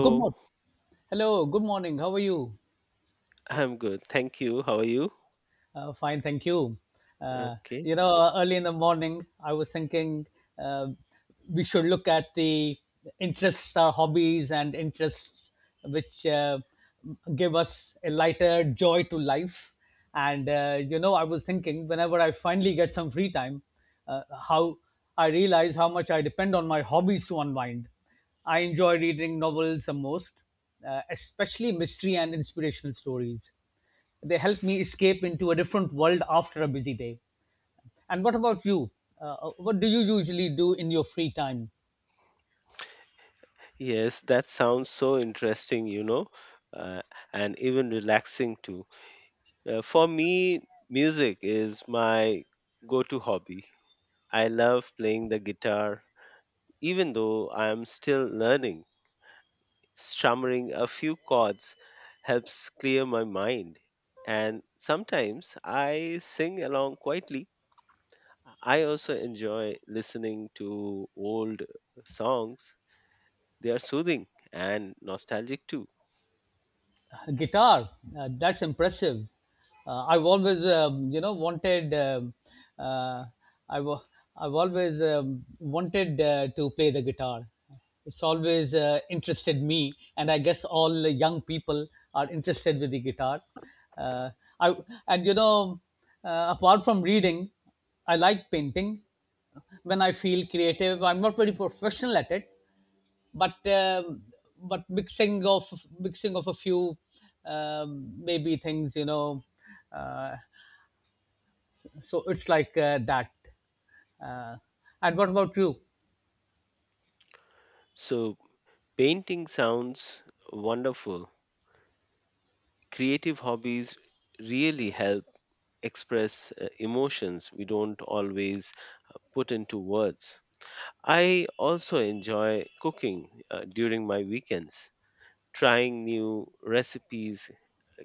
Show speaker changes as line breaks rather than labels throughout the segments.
Good morning. Hello, good morning. How are you?
I'm good. Thank you. How are you?
Fine, thank you. Uh,
Okay.
Early in the morning, I was thinking uh, we should look at the interests, our hobbies, and interests which give us a lighter joy to life. I was thinking whenever I finally get some free time, uh, how I realize how much I depend on my hobbies to unwind. I enjoy reading novels the most, especially mystery and inspirational stories. They help me escape into a different world after a busy day. And what about you? What do you usually do in your free time?
Yes, that sounds so interesting, uh, and even relaxing too. For me, music is my go to hobby. I love playing the guitar, even though I'm still learning. Strumming a few chords helps clear my mind, and sometimes I sing along quietly. I also enjoy listening to old songs. They are soothing and nostalgic too.
Guitar, that's impressive. I've always, wanted. Uh, I've al- I've always wanted to play the guitar. It's always interested me, and I guess all the young people are interested with the guitar. Uh, I and you know, Apart from reading, I like painting. When I feel creative, I'm not very professional at it, but um, but mixing of a few maybe things uh, so it's like that uh, and what about you?
So, painting sounds wonderful. Creative hobbies really help express emotions we don't always put into words. I also enjoy cooking during my weekends. Trying new recipes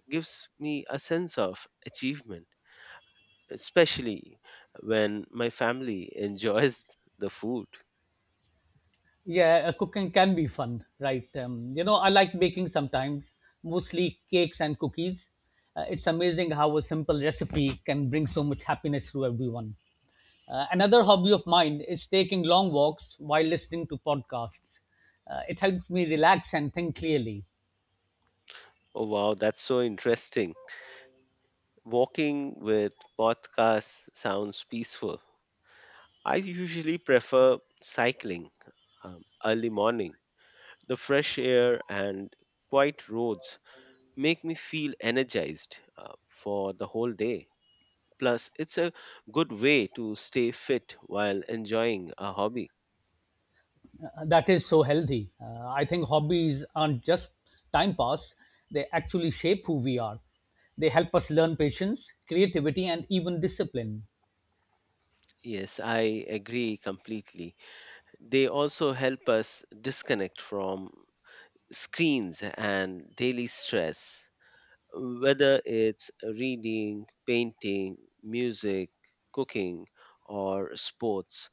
gives me a sense of achievement, especially when my family enjoys the food.
Yeah, cooking can be fun, right? I like baking sometimes, mostly cakes and cookies. It's amazing how a simple recipe can bring so much happiness to everyone. Another hobby of mine is taking long walks while listening to podcasts. It helps me relax and think clearly.
Oh, wow, that's so interesting. Walking with podcasts sounds peaceful. I usually prefer cycling early morning. The fresh air and quiet roads make me feel energized for the whole day. Plus, it's a good way to stay fit while enjoying a hobby.
That is so healthy. I think hobbies aren't just time pass, they actually shape who we are. They help us learn patience, creativity, and even discipline.
Yes, I agree completely. They also help us disconnect from screens and daily stress. Whether it's reading, painting, music, cooking, or sports,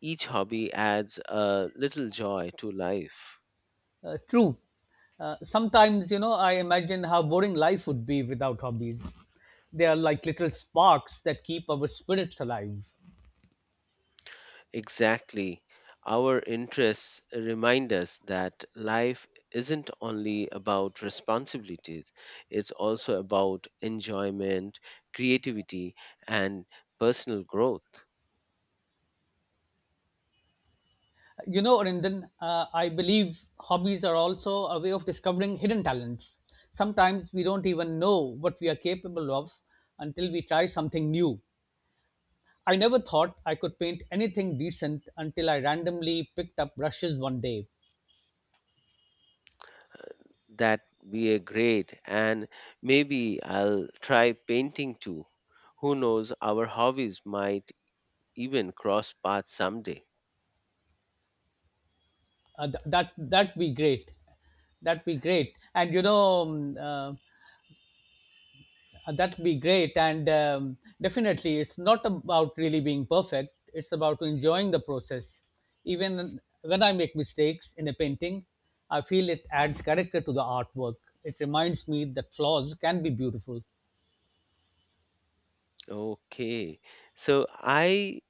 each hobby adds a little joy to life.
True. Sometimes I imagine how boring life would be without hobbies. They are like little sparks that keep our spirits alive.
Exactly. Our interests remind us that life isn't only about responsibilities, it's also about enjoyment, creativity, and personal growth.
You know, Arindan, I believe hobbies are also a way of discovering hidden talents. Sometimes we don't even know what we are capable of until we try something new. I never thought I could paint anything decent until I randomly picked up brushes one day.
That be a great, and maybe I'll try painting too. Who knows, our hobbies might even cross paths someday.
That'd be great. That'd be great. That'd be great. And definitely, it's not about really being perfect. It's about enjoying the process. Even when I make mistakes in a painting, I feel it adds character to the artwork. It reminds me that flaws can be beautiful.
Okay. So I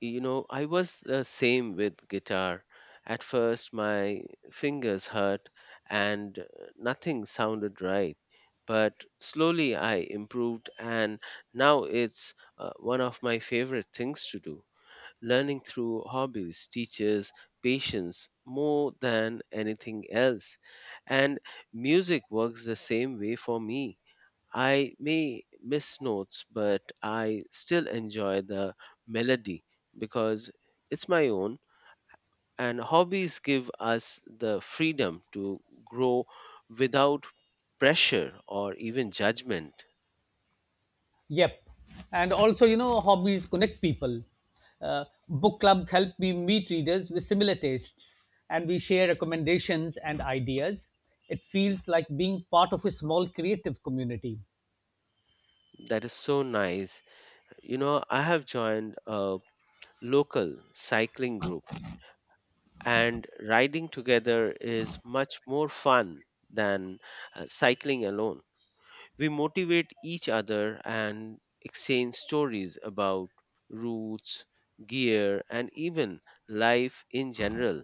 you know I was the same with guitar. At first my fingers hurt, and nothing sounded right. But slowly I improved, and now it's one of my favorite things to do. Learning through hobbies teaches patience more than anything else. And music works the same way for me. I may miss notes, but I still enjoy the melody because it's my own. And hobbies give us the freedom to grow without pressure or even judgment.
Yep. And also, you know, hobbies connect people. Book clubs help me meet readers with similar tastes, and we share recommendations and ideas. It feels like being part of a small creative community.
That is so nice. You know, I have joined a local cycling group, and riding together is much more fun than cycling alone. We motivate each other and exchange stories about routes, gear, and even life in general.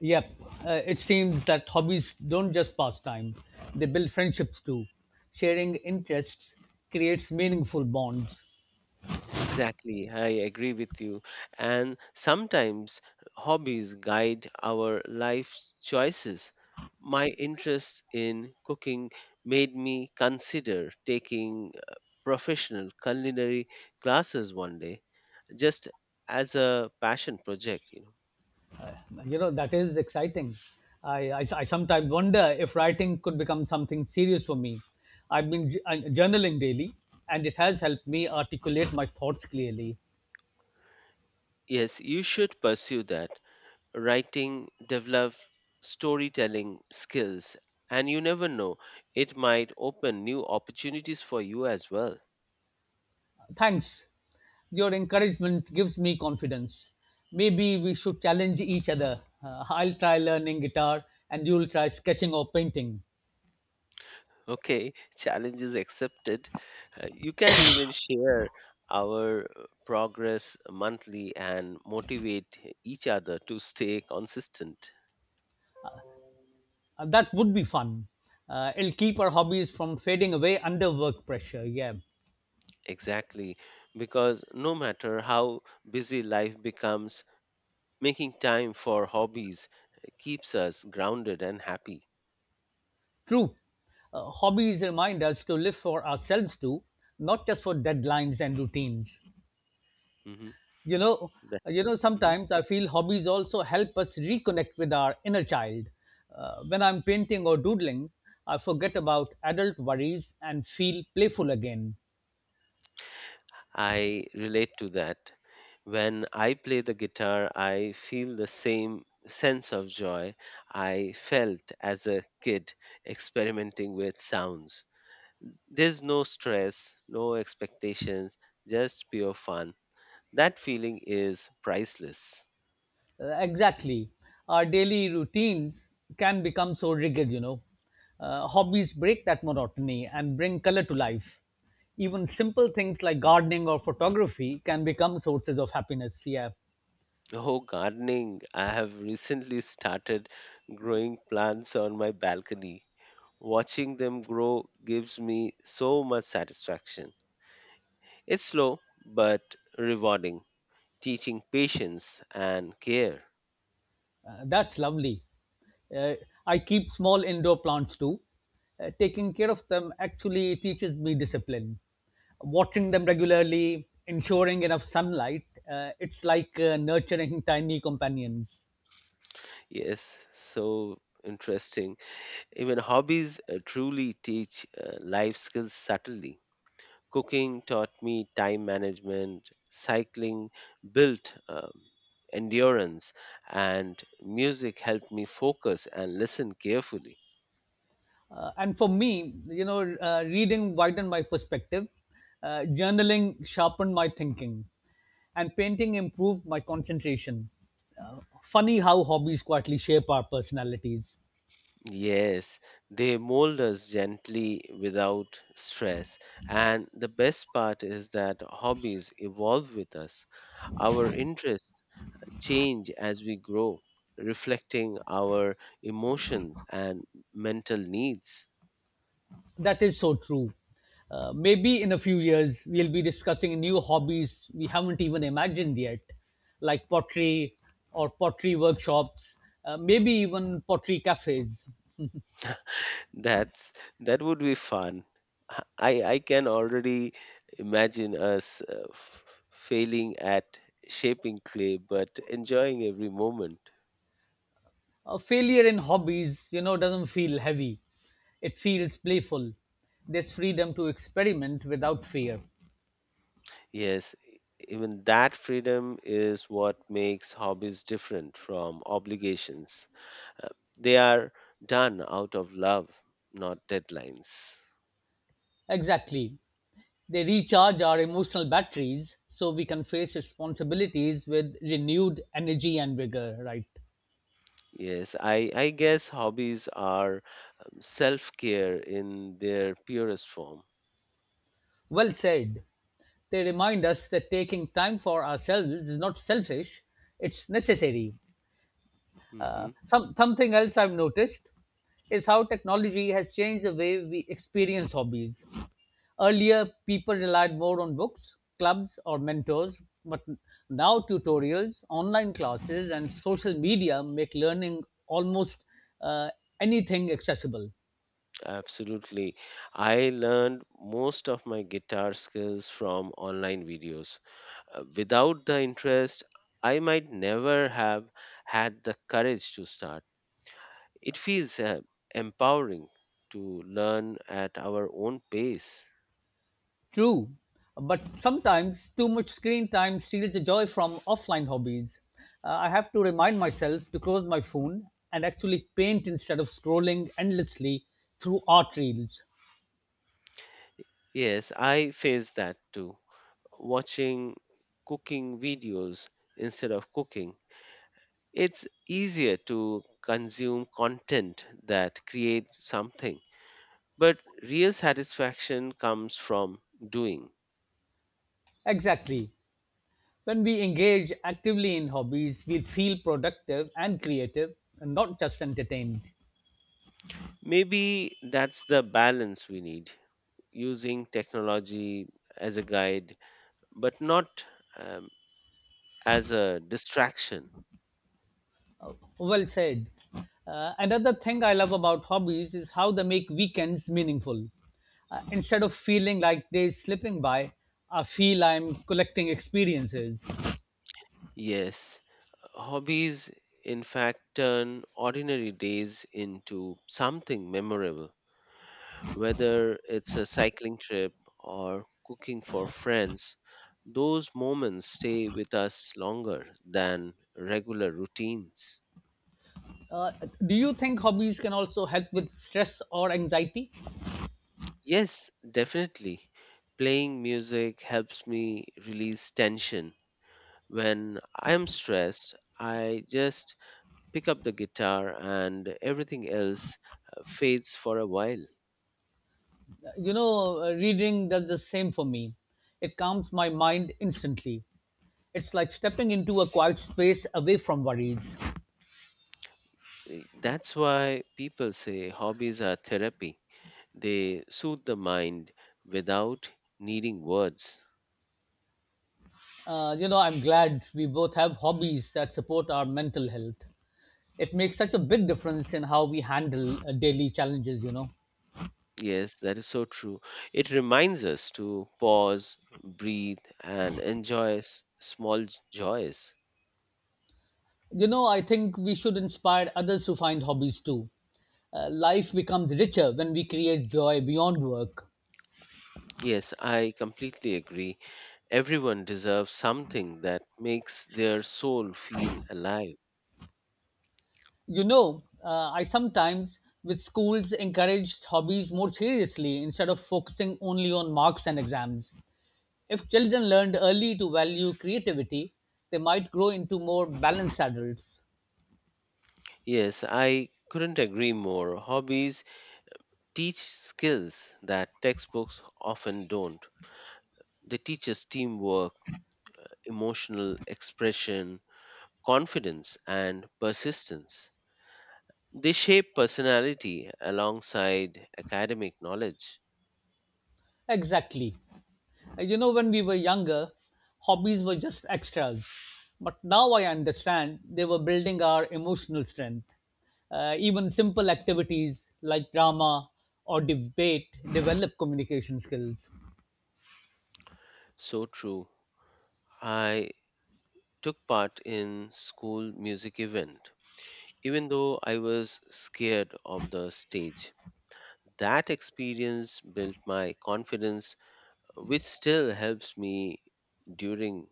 Yep. It seems that hobbies don't just pass time, they build friendships too. Sharing interests creates meaningful bonds.
Exactly, I agree with you. And sometimes hobbies guide our life choices. My interest in cooking made me consider taking professional culinary classes one day, just as a passion project, you know.
You know, that is exciting. I sometimes wonder if writing could become something serious for me. I've been journaling daily, and it has helped me articulate my thoughts clearly.
Yes, you should pursue that. Writing, develop storytelling skills, and you never know, it might open new opportunities for you as well.
Thanks, your encouragement gives me confidence. Maybe we should challenge each other. I'll try learning guitar, and you'll try sketching or painting.
Okay, challenge is accepted. You can even share our progress monthly and motivate each other to stay consistent.
That would be fun. It'll keep our hobbies from fading away under work pressure, yeah.
Exactly, because no matter how busy life becomes, making time for hobbies keeps us grounded and happy.
True, hobbies remind us to live for ourselves too, not just for deadlines and routines.
Hmm.
You know, Sometimes I feel hobbies also help us reconnect with our inner child. When I'm painting or doodling, I forget about adult worries and feel playful again.
I relate to that. When I play the guitar, I feel the same sense of joy I felt as a kid experimenting with sounds. There's no stress, no expectations, just pure fun. That feeling is priceless.
Exactly. Our daily routines can become so rigid, you know. Hobbies break that monotony and bring color to life. Even simple things like gardening or photography can become sources of happiness. Yeah.
Oh, gardening. I have recently started growing plants on my balcony. Watching them grow gives me so much satisfaction. It's slow but rewarding, teaching patience and care.
That's lovely. Uh, I keep small indoor plants too. Taking care of them actually teaches me discipline. Watering them regularly, ensuring enough sunlight, it's like nurturing tiny companions.
Yes, so interesting. Even hobbies truly teach life skills subtly. Cooking taught me time management, cycling built endurance, and music helped me focus and listen carefully.
And for me, reading widened my perspective, journaling sharpened my thinking, and painting improved my concentration. Funny how hobbies quietly shape our personalities.
Yes, they mold us gently without stress. And the best part is that hobbies evolve with us. Our interests change as we grow, reflecting our emotions and mental needs.
That is so true. Maybe in a few years, we'll be discussing new hobbies we haven't even imagined yet, like pottery or pottery workshops, maybe even pottery cafes.
That's that would be fun. I can already imagine us failing at shaping clay but enjoying every moment.
Failure in hobbies, you know, doesn't feel heavy, it feels playful. There's freedom to experiment without fear.
Yes, even that freedom is what makes hobbies different from obligations. Uh, they are done out of love, not deadlines.
Exactly, they recharge our emotional batteries so we can face responsibilities with renewed energy and vigor, right?
Yes, I guess hobbies are self care in their purest form.
Well said. They remind us that taking time for ourselves is not selfish, it's necessary.
Hmm.
Something else I've noticed is how technology has changed the way we experience hobbies. Earlier, people relied more on books, clubs, or mentors, but now tutorials, online classes, and social media make learning almost uh, anything accessible.
Absolutely. I learned most of my guitar skills from online videos. Without the interest, I might never have had the courage to start. It feels empowering to learn at our own pace.
True, but sometimes too much screen time steals the joy from offline hobbies. I have to remind myself to close my phone and actually paint instead of scrolling endlessly through art reels.
Yes, I face that too. Watching cooking videos instead of cooking, it's easier to consume content that creates something. But real satisfaction comes from doing.
Exactly. When we engage actively in hobbies, we feel productive and creative and not just entertained.
Maybe that's the balance we need, using technology as a guide, but not um, as a distraction.
Well said. Another thing I love about hobbies is how they make weekends meaningful. Instead of feeling like days slipping by, I feel I'm collecting experiences.
Yes, hobbies in fact turn ordinary days into something memorable. Whether it's a cycling trip or cooking for friends, those moments stay with us longer than regular routines.
Uh, do you think hobbies can also help with stress or anxiety?
Yes, definitely. Playing music helps me release tension. When I'm stressed, I just pick up the guitar, and everything else fades for a while.
You know, reading does the same for me. It calms my mind instantly. It's like stepping into a quiet space away from worries.
That's why people say hobbies are therapy. They soothe the mind without needing words.
I'm glad we both have hobbies that support our mental health. It makes such a big difference in how we handle daily challenges, you know.
Yes, that is so true. It reminds us to pause, breathe, and enjoy small joys.
You know, I think we should inspire others to find hobbies too. Life becomes richer when we create joy beyond work.
Yes, I completely agree. Everyone deserves something that makes their soul feel alive.
You know, I sometimes, with schools, encouraged hobbies more seriously instead of focusing only on marks and exams. If children learned early to value creativity, they might grow into more balanced adults.
Yes, I couldn't agree more. Hobbies teach skills that textbooks often don't. They teach us teamwork, emotional expression, confidence, and persistence. They shape personality alongside academic knowledge.
Exactly. You know, when we were younger, hobbies were just extras. But now I understand they were building our emotional strength. Even simple activities like drama or debate develop communication skills.
So true. I took part in school music event even though I was scared of the stage. That experience built my confidence, which still helps me during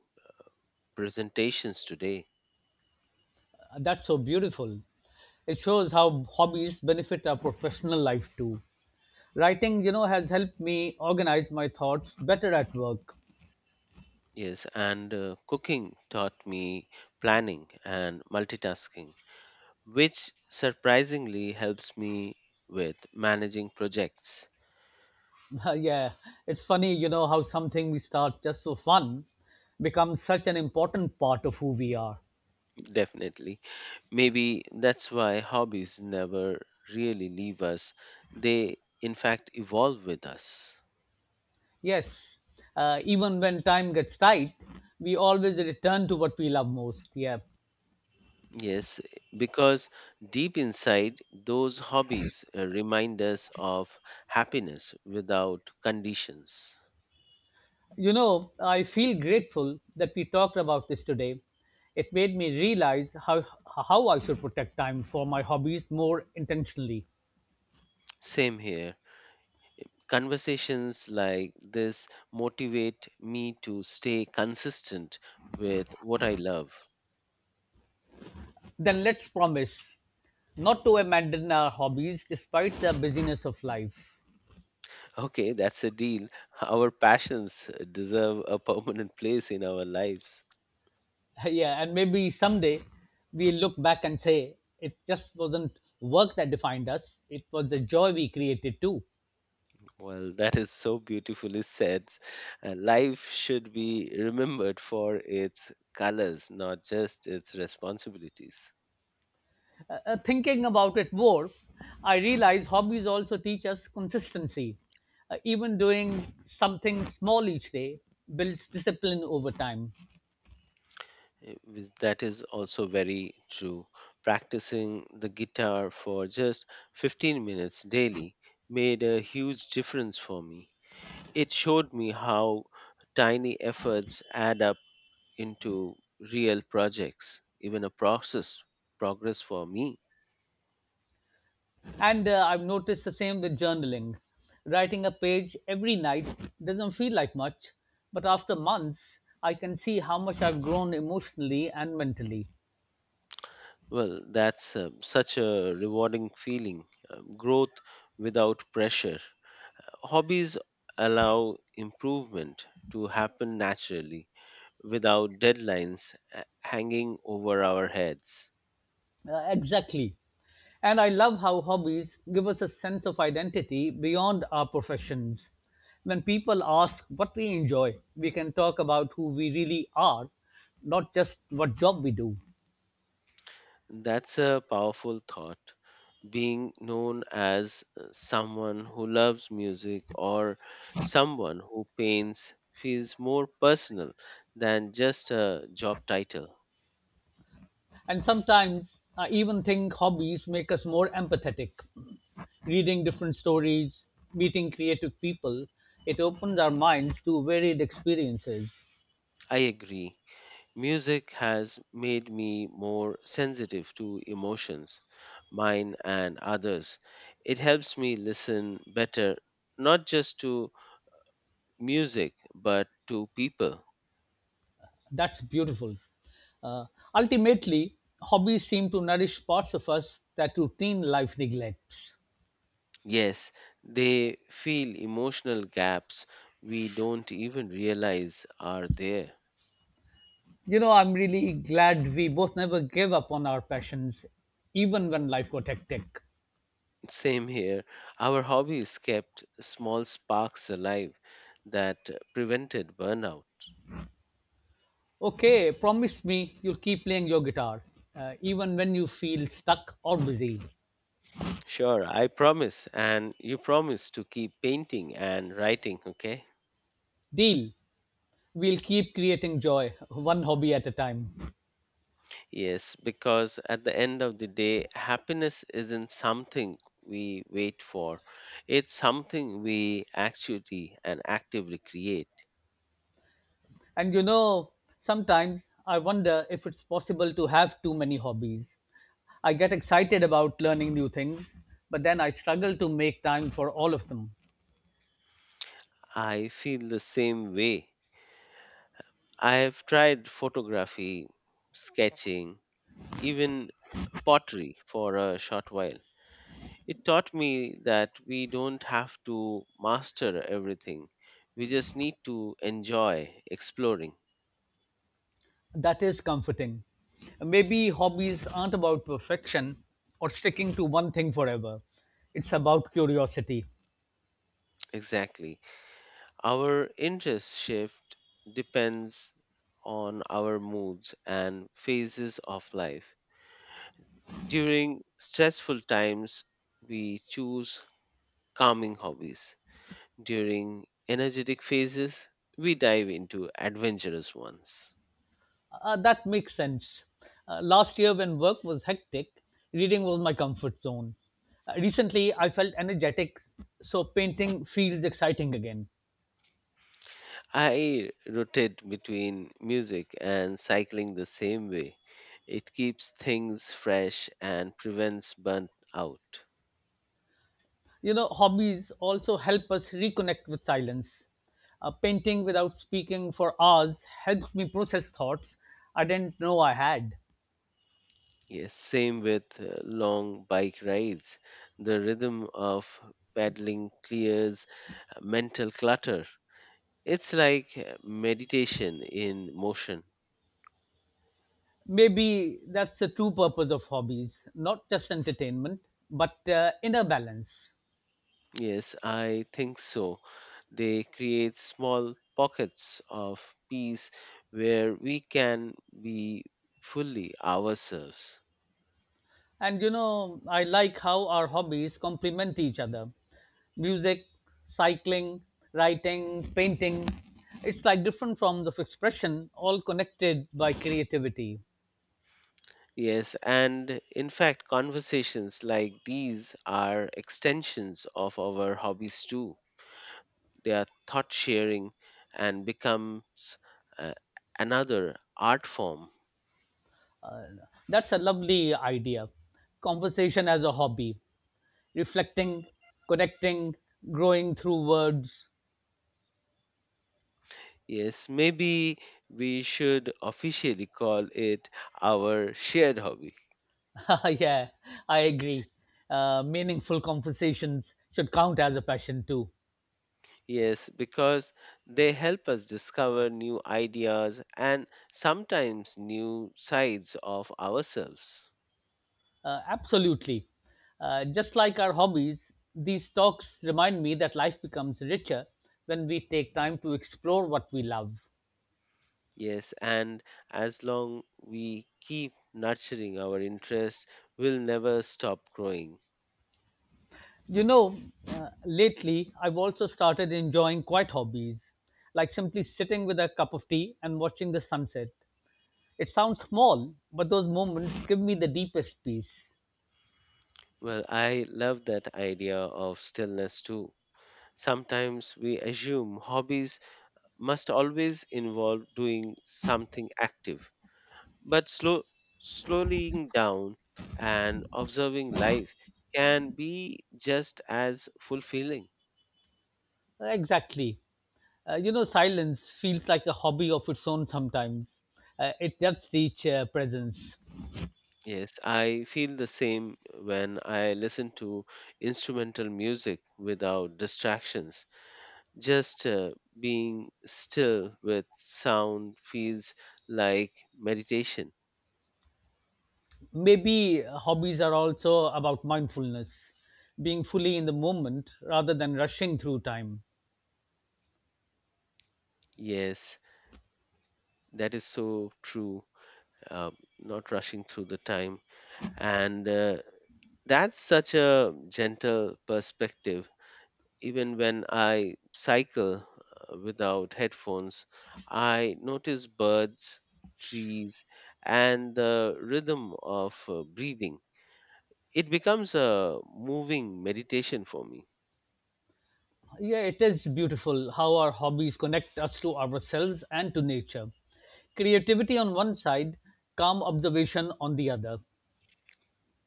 presentations today.
That's so beautiful. It shows how hobbies benefit our professional life too. Writing, you know, has helped me organize my thoughts better at work.
Yes, and cooking taught me planning and multitasking, which surprisingly helps me with managing projects.
Yeah, it's funny, you know, how something we start just for fun becomes such an important part of who we are.
Definitely. Maybe that's why hobbies never really leave us, they in fact evolve with us.
Yes, even when time gets tight, we always return to what we love most. Yeah.
Yes, because deep inside, those hobbies remind us of happiness without conditions.
You know, I feel grateful that we talked about this today. It made me realize how I should protect time for my hobbies more intentionally.
Same here. Conversations like this motivate me to stay consistent with what I love.
Then let's promise not to abandon our hobbies despite the busyness of life.
Okay, that's a deal. Our passions deserve a permanent place in our lives.
Yeah, and maybe someday we look back and say it just wasn't work that defined us, it was the joy we created too.
Well, that is so beautifully said. Life should be remembered for its colors, not just its responsibilities.
Thinking about it more, I realize hobbies also teach us consistency. Even doing something small each day builds discipline over time.
That is also very true. Practicing the guitar for just 15 minutes daily made a huge difference for me. It showed me how tiny efforts add up into real projects, even a process progress for me.
And I've noticed the same with journaling. Writing a page every night doesn't feel like much, but after months I can see how much I've grown emotionally and mentally.
Well, that's such a rewarding feeling, growth without pressure. Hobbies allow improvement to happen naturally without deadlines hanging over our heads.
Exactly. And I love how hobbies give us a sense of identity beyond our professions. When people ask what we enjoy, we can talk about who we really are, not just what job we do.
That's a powerful thought. Being known as someone who loves music or someone who paints feels more personal than just a job title.
And sometimes I even think hobbies make us more empathetic. Reading different stories, meeting creative people, it opens our minds to varied experiences.
I agree. Music has made me more sensitive to emotions, mine and others. It helps me listen better, not just to music, but to people.
That's beautiful. Uh, Ultimately, hobbies seem to nourish parts of us that routine life neglects.
Yes, they feel emotional gaps we don't even realize are there.
You know, I'm really glad we both never gave up on our passions, even when life got hectic.
Same here. Our hobbies kept small sparks alive that prevented burnout.
Okay, promise me you'll keep playing your guitar, even when you feel stuck or busy.
Sure, I promise, and you promise to keep painting and writing, okay?
Deal. We'll keep creating joy, one hobby at a time.
Yes, because at the end of the day, happiness isn't something we wait for, it's something we actually and actively create.
And you know, sometimes I wonder if it's possible to have too many hobbies. I get excited about learning new things, but then I struggle to make time for all of them.
I feel the same way. I have tried photography, sketching, even pottery for a short while. It taught me that we don't have to master everything. We just need to enjoy exploring.
That is comforting. Maybe hobbies aren't about perfection or sticking to one thing forever, it's about curiosity.
Exactly. Our interest shift depends on our moods and phases of life. During stressful times, we choose calming hobbies. During energetic phases, we dive into adventurous ones.
That makes sense. Last year, when work was hectic, reading was my comfort zone. Recently, I felt energetic, so painting feels exciting again.
I rotate between music and cycling the same way. It keeps things fresh and prevents burnt out.
You know, hobbies also help us reconnect with silence. Painting without speaking for hours helps me process thoughts I didn't know I had.
Yes, same with long bike rides. The rhythm of pedaling clears mental clutter. It's like meditation in motion.
Maybe that's the true purpose of hobbies, not just entertainment, but inner balance.
Yes, I think so. They create small pockets of peace where we can be fully ourselves.
And you know, I like how our hobbies complement each other. Music, cycling, writing, painting. It's like different forms of expression, all connected by creativity.
Yes, and in fact, conversations like these are extensions of our hobbies too. They are thought sharing and becomes uh, another art form.
That's a lovely idea. Conversation as a hobby, reflecting, connecting, growing through words.
Yes, maybe we should officially call it our shared hobby.
Yeah, I agree. Meaningful conversations should count as a passion too.
Yes, because they help us discover new ideas and sometimes new sides of ourselves.
Absolutely. Just like our hobbies, these talks remind me that life becomes richer when we take time to explore what we love.
Yes, and as long we keep nurturing our interest, we'll never stop growing.
You know, lately I've also started enjoying quiet hobbies, like simply sitting with a cup of tea and watching the sunset. It sounds small, but those moments give me the deepest peace.
Well, I love that idea of stillness too. Sometimes we assume hobbies must always involve doing something active, but slowing down and observing life can be just as fulfilling.
Exactly. You know, silence feels like a hobby of its own sometimes. It does teach presence.
Yes, I feel the same when I listen to instrumental music without distractions. Just being still with sound feels like meditation.
Maybe hobbies are also about mindfulness, being fully in the moment rather than rushing through time.
Yes, that is so true. Uh, Not rushing through the time. And that's such a gentle perspective. Even when I cycle without headphones, I notice birds, trees, and the rhythm of breathing. It becomes a moving meditation for me.
Yeah, it is beautiful how our hobbies connect us to ourselves and to nature. Creativity on one side, calm observation on the other.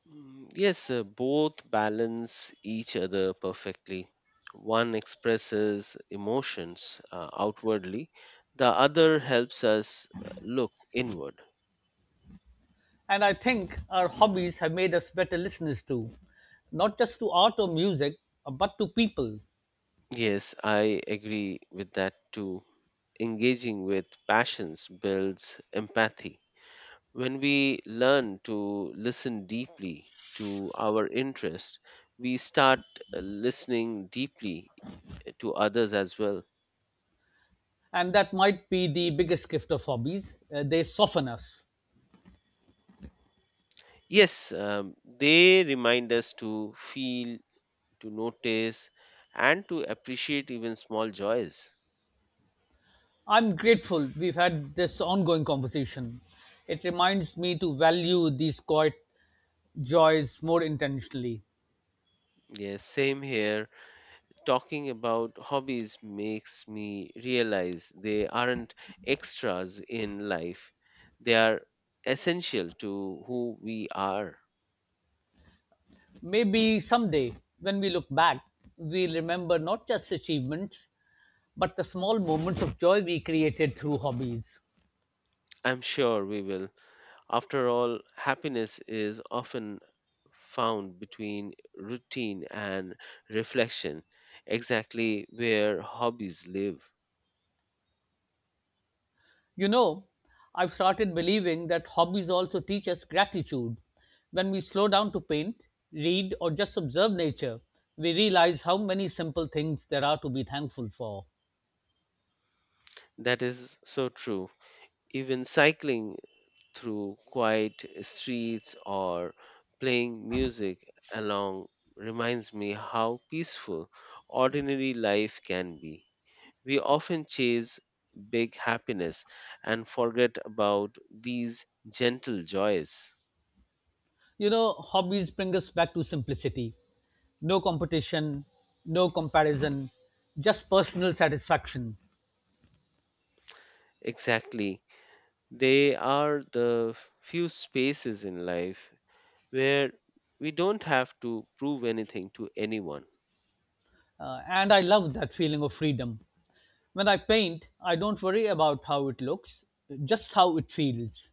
Mm, yes, both balance each other perfectly. One expresses emotions outwardly, the other helps us look inward.
And I think our hobbies have made us better listeners too, not just to art or music, but to people.
Yes, I agree with that too. Engaging with passions builds empathy. When we learn to listen deeply to our interest, we start listening deeply to others as well.
And that might be the biggest gift of hobbies. They soften us.
Yes, they remind us to feel, to notice, and to appreciate even small joys.
I'm grateful we've had this ongoing conversation. It reminds me to value these quiet joys more intentionally.
Yes, same here. Talking about hobbies makes me realize they aren't extras in life. They are essential to who we are.
Maybe someday, when we look back, we'll remember not just achievements, but the small moments of joy we created through hobbies.
I'm sure we will. After all, happiness is often found between routine and reflection, exactly where hobbies live.
You know, I've started believing that hobbies also teach us gratitude. When we slow down to paint, read, or just observe nature, we realize how many simple things there are to be thankful for.
That is so true. Even cycling through quiet streets or playing music along reminds me how peaceful ordinary life can be. We often chase big happiness and forget about these gentle joys.
You know, hobbies bring us back to simplicity, no competition, no comparison, just personal satisfaction.
Exactly. They are the few spaces in life where we don't have to prove anything to anyone.
And I love that feeling of freedom. When I paint, I don't worry about how it looks, just how it feels.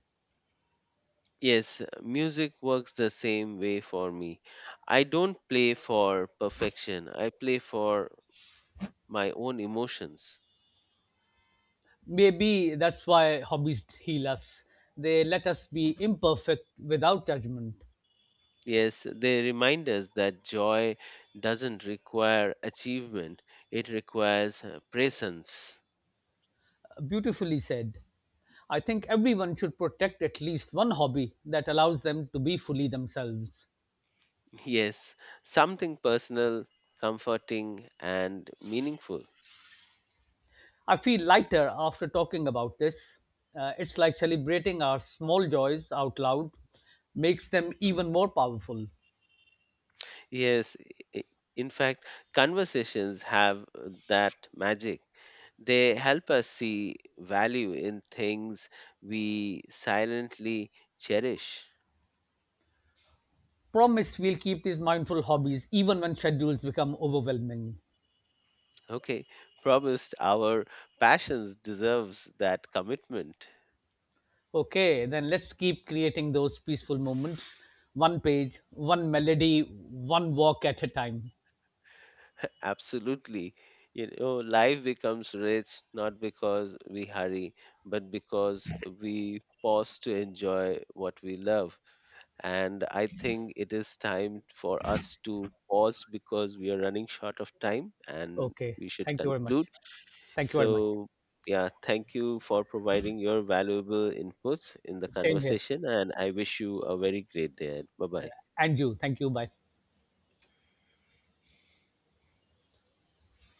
Yes, music works the same way for me. I don't play for perfection, I play for my own emotions.
Maybe that's why hobbies heal us. They let us be imperfect without judgment.
Yes, they remind us that joy doesn't require achievement, it requires presence.
Beautifully said. I think everyone should protect at least one hobby that allows them to be fully themselves.
Yes, something personal, comforting, and meaningful.
I feel lighter after talking about this. It's like celebrating our small joys out loud makes them even more powerful.
Yes, i- i- in fact, conversations have that magic. They help us see value in things we silently cherish.
Promise we'll keep these mindful hobbies even when schedules become overwhelming.
Okay, promised our passions deserves that commitment.
Okay, then let's keep creating those peaceful moments, one page, one melody, one walk at a time.
Absolutely. You know, life becomes rich not because we hurry, but because we pause to enjoy what we love. And I think it is time for us to pause, because we are running short of time and
Okay,
we should
thank you very much.
conclude.
Thank you very much.
So, yeah, thank you for providing your valuable inputs in the
Same here.
conversation, and I wish you a very great day. Bye bye.
And you, thank you. Bye.